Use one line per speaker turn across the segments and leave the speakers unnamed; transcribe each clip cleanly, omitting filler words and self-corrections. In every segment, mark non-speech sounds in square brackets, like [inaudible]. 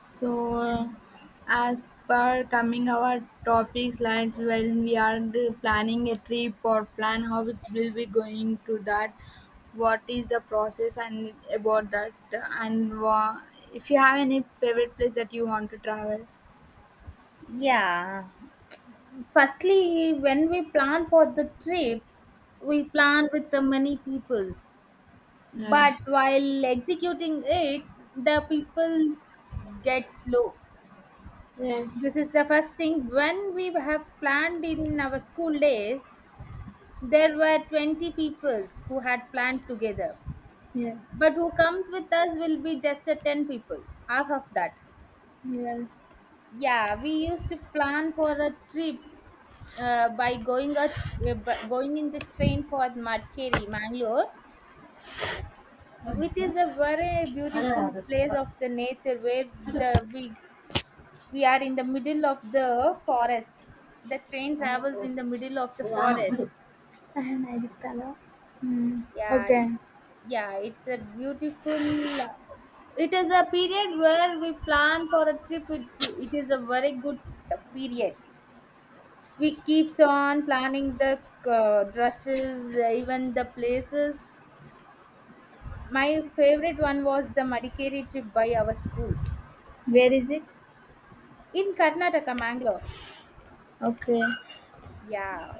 So, as per coming our topics lines when we are planning a trip or plan how it will be going to that, what is the process and about that, and wha- if you have any favorite place that you want to travel.
Yeah. Firstly, when we plan for the trip, we plan with the many peoples. But
Yes.
while executing it, the peoples get slow.
Yes.
This is the first thing. When we have planned in our school days, there were 20 peoples who had planned together.
Yeah.
But who comes with us will be just a 10 people, half of that.
Yes.
Yeah, we used to plan for a trip by going a going in the train for Madikeri, Mangalore, which is
And
a very beautiful place of the nature where the we are in the middle of the forest. The train travels in the middle of the forest.
I did that. Hmm.
Yeah, it,
Okay.
yeah, it's a beautiful. It is a period where we plan for a trip. It is a very good period. We keeps on planning the dresses, even the places. My favorite one was the Madikeri trip by our school
Where is it?
in Karnataka, Mangalore.
Okay.
Yeah,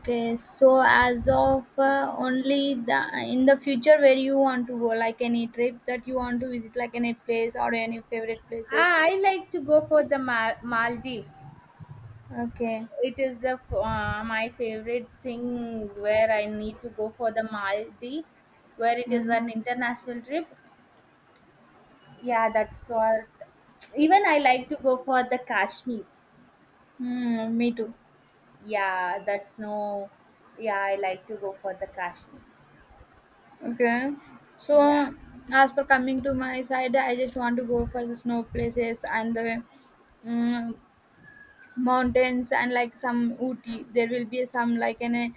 Okay, so as of only the in the future where you want to go, like any trip that you want to visit, like any place or any favorite places.
Ah, I like to go for the Maldives.
Okay.
It is the my favorite thing where I need to go for the Maldives, where it is
Mm.
an international trip. Yeah, that's what. Even I like to go for the Kashmir.
Mm, me too.
Yeah, that's no. Yeah, I like to go for the Kashmir.
Okay. So
Yeah,
as per coming to my side, I just want to go for the snow places and the mm mountains and like some Ooty. There will be some like an a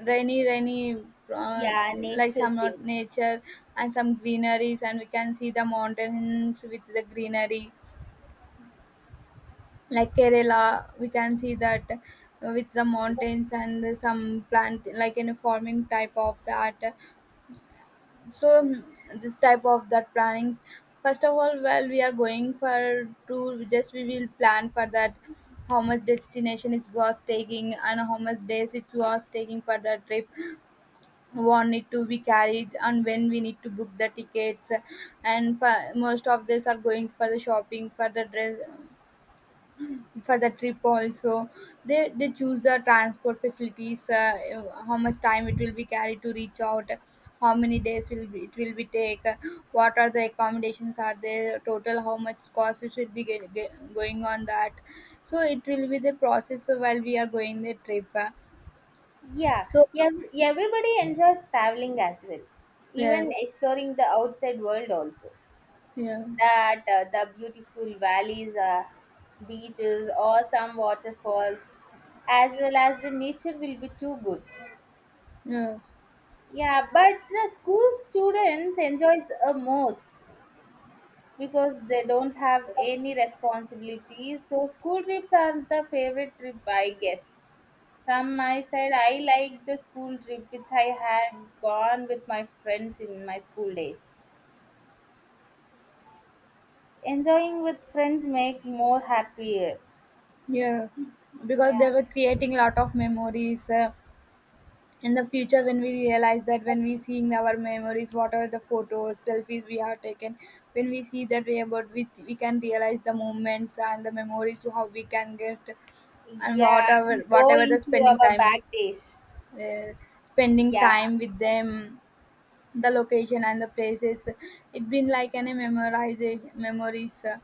rainy, uh,
yeah,
like
nature
some not
thing.
nature and some greeneries, and we can see the mountains with the greenery. Like Kerala, we can see that with the mountains and some plant like in a farming type of that. So this type of that plannings, first of all, while we are going for tour, we just we will plan for that how much destination it was taking and how much days it was taking for the trip, what need to be carried and when we need to book the tickets. And for, most of this are going for the shopping for the dress for the trip also, they choose the transport facilities, how much time it will be carried to reach out, how many days will be, it will be take, what are the accommodations are there, total how much cost it will be going on that. So it will be the process while we are going the trip.
Yeah,
So
yeah, everybody enjoys traveling as well, even
yes.
exploring the outside world also.
Yeah.
That the beautiful valleys, beaches, or some waterfalls, as well as the nature will be too good.
Yeah.
Yeah, but the school students enjoys most because they don't have any responsibilities. So school trips are the favorite trip, I guess. From my side, I like the school trip which I had gone with my friends in my school days. Enjoying with friends make more happier.
Yeah. Because they were creating lot of memories in the future when we realize that, when we seeing our memories, what are the photos selfies we have taken. When we see that way about we can realize the moments and the memories how we can get, and
Yeah,
whatever
we go
whatever the
into our
spending time,
bad days.
uh, spending
Yeah.
time with them, the location and the places, it been like any memorization memories.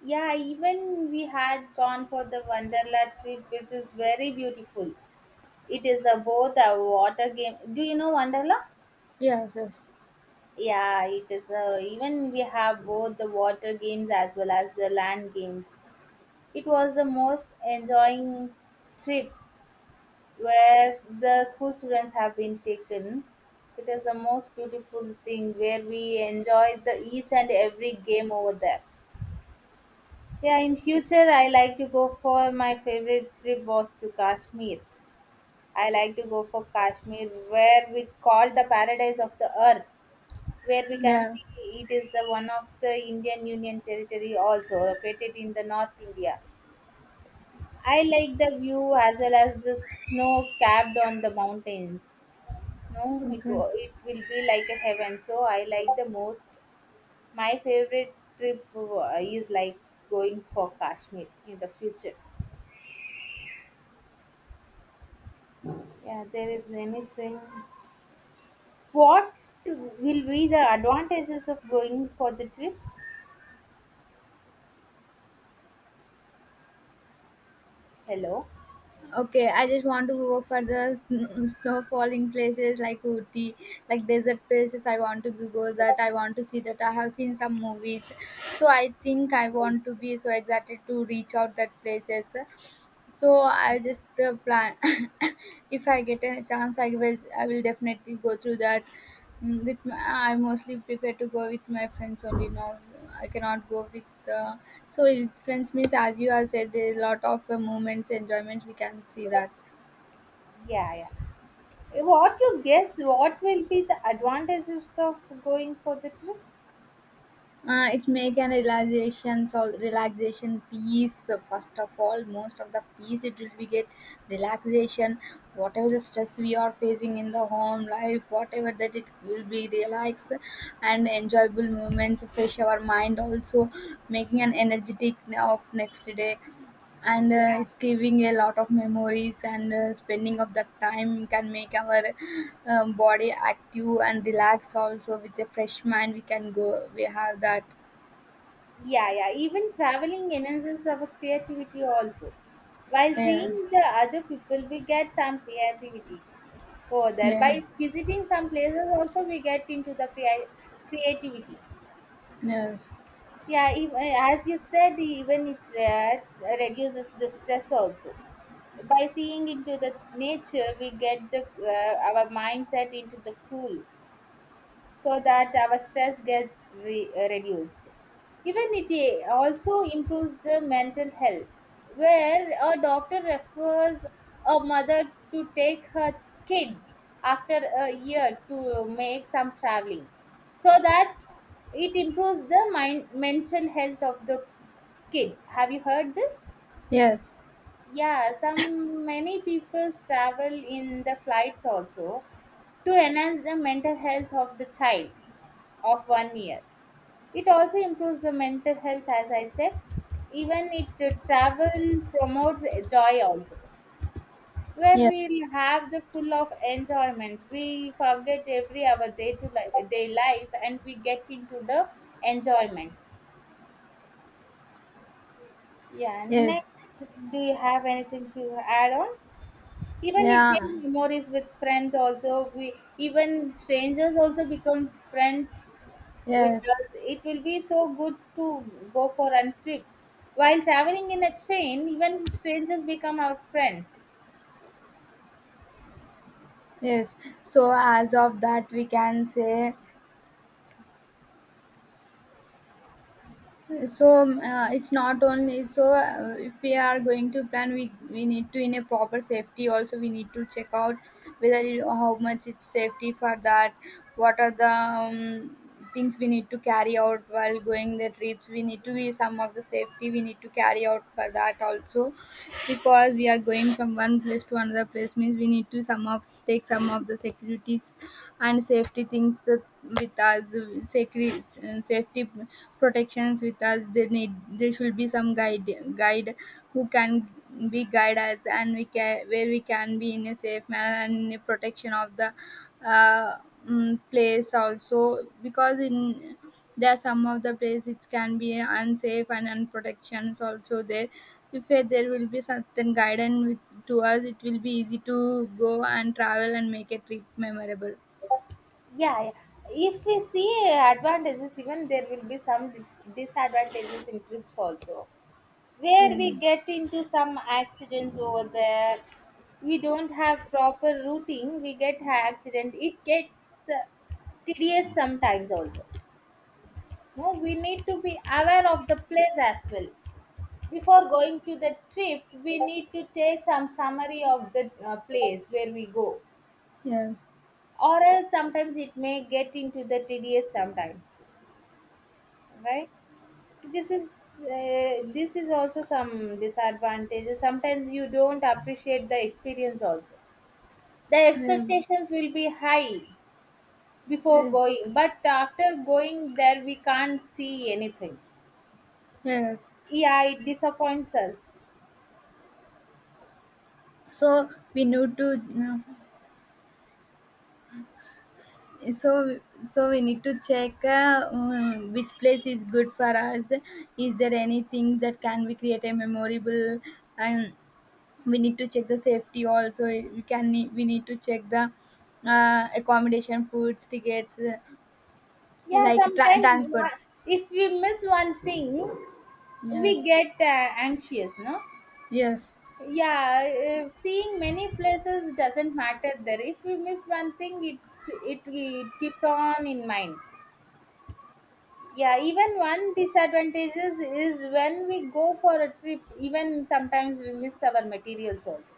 Yeah, even we had gone for the Wonderla trip, which is very beautiful. It is about a water game. Do you know Wonderla?
Yes. Yes.
Yeah, it is. Even we have both the water games as well as the land games. It was the most enjoying trip where the school students have been taken. It is the most beautiful thing where we enjoy the each and every game over there. Yeah, in future I like to go for my favorite trip was to Kashmir. I like to go for Kashmir where we call the paradise of the earth where we can
Yeah.
see it is the one of the Indian Union territory also located in the North India. I like the view as well as the snow capped on the mountains. No,
Okay.
it will be like a heaven. So I like the most. My favorite trip is like going for Kashmir in the future. Yeah, there is anything. What will be the advantages of going for the trip? Hello.
Okay, I just want to go for the snow falling places like Ooty, like desert places. I want to go that. I want to see that. I have seen some movies, so I think I want to be so excited to reach out that places. So I just plan [laughs] [coughs] if I get a chance, I will definitely go through that. Mm, with I mostly prefer to go with my friends only now. I cannot go with so with friends means, as you have said, there is a lot of moments enjoyments we can see that.
Yeah, yeah. Eh, what you guess? What will be the advantages of going for the trip?
It's make an relaxation, so relaxation peace. So first of all, most of the peace it will be get relaxation, whatever the stress we are facing in the home life, whatever that it will be relax, and enjoyable moments fresh our mind also, making an energetic of next day. And
Yeah.
it's giving a lot of memories, and spending of that time can make our body active and relax also, with a fresh mind we can go, we have that.
Yeah, yeah. Even traveling enhances our creativity also. While
Yeah.
seeing the other people, we get some creativity further.
Yeah.
By visiting some places, also we get into the creativity.
Yes.
Yeah, even, as you said, even it reduces the stress also. By seeing into the nature, we get the our mindset into the cool, so that our stress gets reduced. Even it also improves the mental health, where a doctor refers a mother to take her kid after a year to make some traveling, so that it improves the mind mental health of the kid. Have you heard this?
Yes.
Yeah, some many people travel in the flights also to enhance the mental health of the child of 1 year. It also improves the mental health, as I said. Even it travel promotes joy also, where
Yes.
we'll have the full of enjoyment. We forget every our day life, and we get into the enjoyments. Yeah.
Yes.
Next, do you have anything to add on? Even it makes
Yeah.
memories with friends also. We even strangers also becomes friends with
Yes.
us, it will be so good to go for a trip. While traveling in a train, even strangers become our friends.
Yes. So as of that, we can say. So it's not only so if we are going to plan, we need to in a proper safety. Also, we need to check out whether it, how much it's safety for that. What are the things we need to carry out while going the trips? We need to be some of the safety we need to carry out for that also, because we are going from one place to another place means we need to some of take some of the securities and safety things with us. Security, safety, protections with us, they need there should be some guide who can be guide us, and we can where we can be in a safe manner and in a protection of the uh, place also, because in there are some of the places it can be unsafe and unprotections also there. If there will be certain guidance with, to us, it will be easy to go and travel and make a trip memorable.
Yeah, yeah. If we see advantages, even there will be some disadvantages in trips also. Where
Yeah.
we get into some accidents over there, we don't have proper routing, we get accident. It gets uh, tedious sometimes also. No, we need to be aware of the place as well. Before going to the trip, we need to take some summary of the place where we go,
Yes.
or else sometimes it may get into the tedious sometimes, right? This is this is also some disadvantages. Sometimes you don't appreciate the experience also. The
Yeah.
expectations will be high before
Yeah.
going, but after going there, we can't see anything.
Yes.
Yeah, it disappoints us.
So we need to. So so we need to check which place is good for us. Is there anything that can we create a memorable, and we need to check the safety also, we can we need to check the accommodation, foods, tickets,
yeah
like
sometimes you
transport.
wa- if we miss one thing, we
Yes.
get anxious, no?
Yes.
Yeah. Seeing many places doesn't matter there. If we miss one it keeps on in mind. Yeah, even one disadvantages is when we go for a trip, even sometimes we miss our materials also.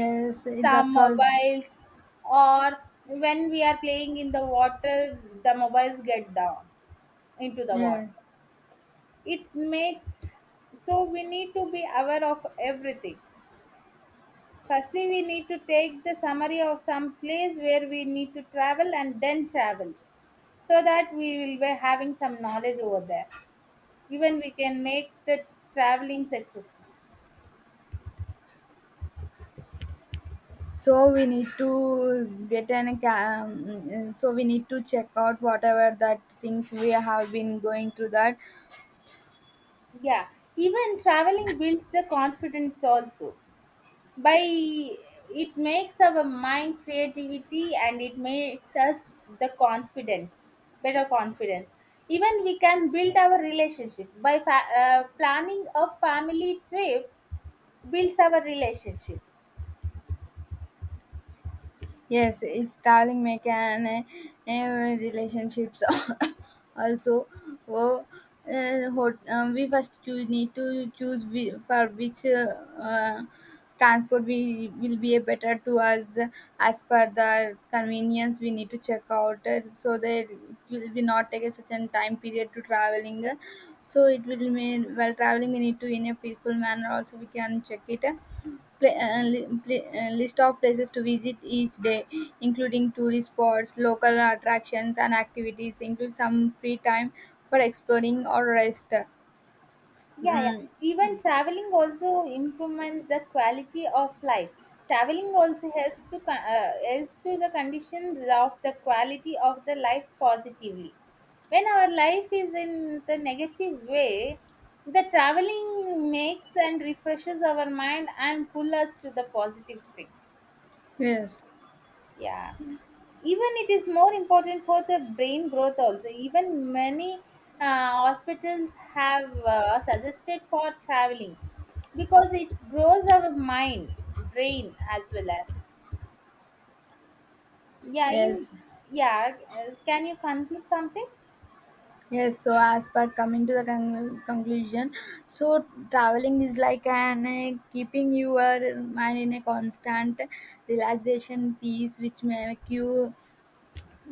Yes,
Some
that's all.
mobiles, or when we are playing in the water the mobiles get down into the
Yeah.
water. It makes. So we need to be aware of everything. Firstly, we need to take the summary of some place where we need to travel and then travel, so that we will be having some knowledge over there. Even we can make the traveling successful.
So we need to get so we need to check out whatever that things we have been going through that.
Yeah, even traveling builds the confidence also. By it makes our mind creativity and it makes us the confidence, better confidence. Even we can build our relationship by planning a family trip builds our relationship.
Yes, installing mechanic relationships [laughs] [coughs] also. Oh, hot, we first need to choose we, for which uh, transport we will be a better to us, as per the convenience we need to check out so that it will be not take a certain time period to traveling. So it will mean, while traveling we need to in a peaceful manner also, we can check it, list of places to visit each day, including tourist spots, local attractions, and activities. Include some free time for exploring or rest.
Yeah, yeah.
Mm.
Even traveling also improvements the quality of life. Traveling also helps to helps to the conditions of the quality of the life positively. When our life is in the negative way, the traveling makes and refreshes our mind and pull us to the positive thing.
Yes.
Yeah, even it is more important for the brain growth also. Even many hospitals have suggested for traveling, because it grows our mind, brain as well as. Yeah, in,
Yes.
yeah. Can you conclude something?
Yes. So, as per coming to the conclusion, so traveling is like an keeping your mind in a constant relaxation, peace, which make you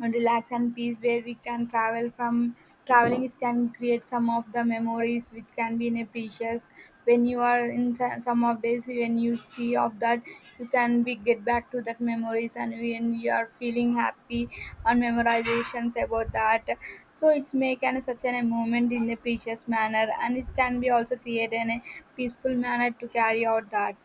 and relax and peace, where we can travel from traveling. It can create some of the memories which can be in a precious, when you are in some of days when you see of that, you can be get back to that memories, and when you are feeling happy on memorizations about that. So it's make an such an a moment in a precious manner, and it can be also created in a peaceful manner to carry out that.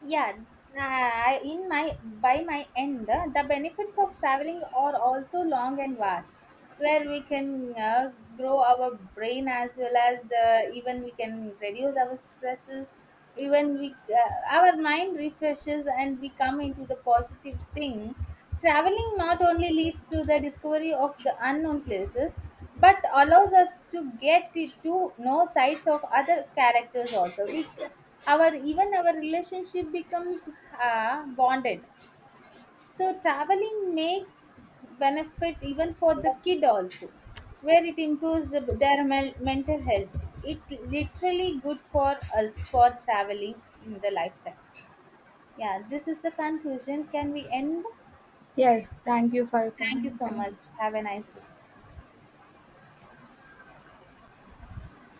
Yeah, in my by my end, the benefits of traveling are also long and vast, where we can grow our brain as well as the, even we can reduce our stresses. Even we our mind refreshes and we come into the positive thing. Traveling not only leads to the discovery of the unknown places, but allows us to get to know sides of other characters also. Our even our relationship becomes bonded. So traveling makes benefit even for the kid also, where it improves the- their mental health. It literally good for us for traveling in the lifetime. Yeah, this is the conclusion. Can we end?
Yes, thank you for
Thank you so much.
connecting.
Have a nice day.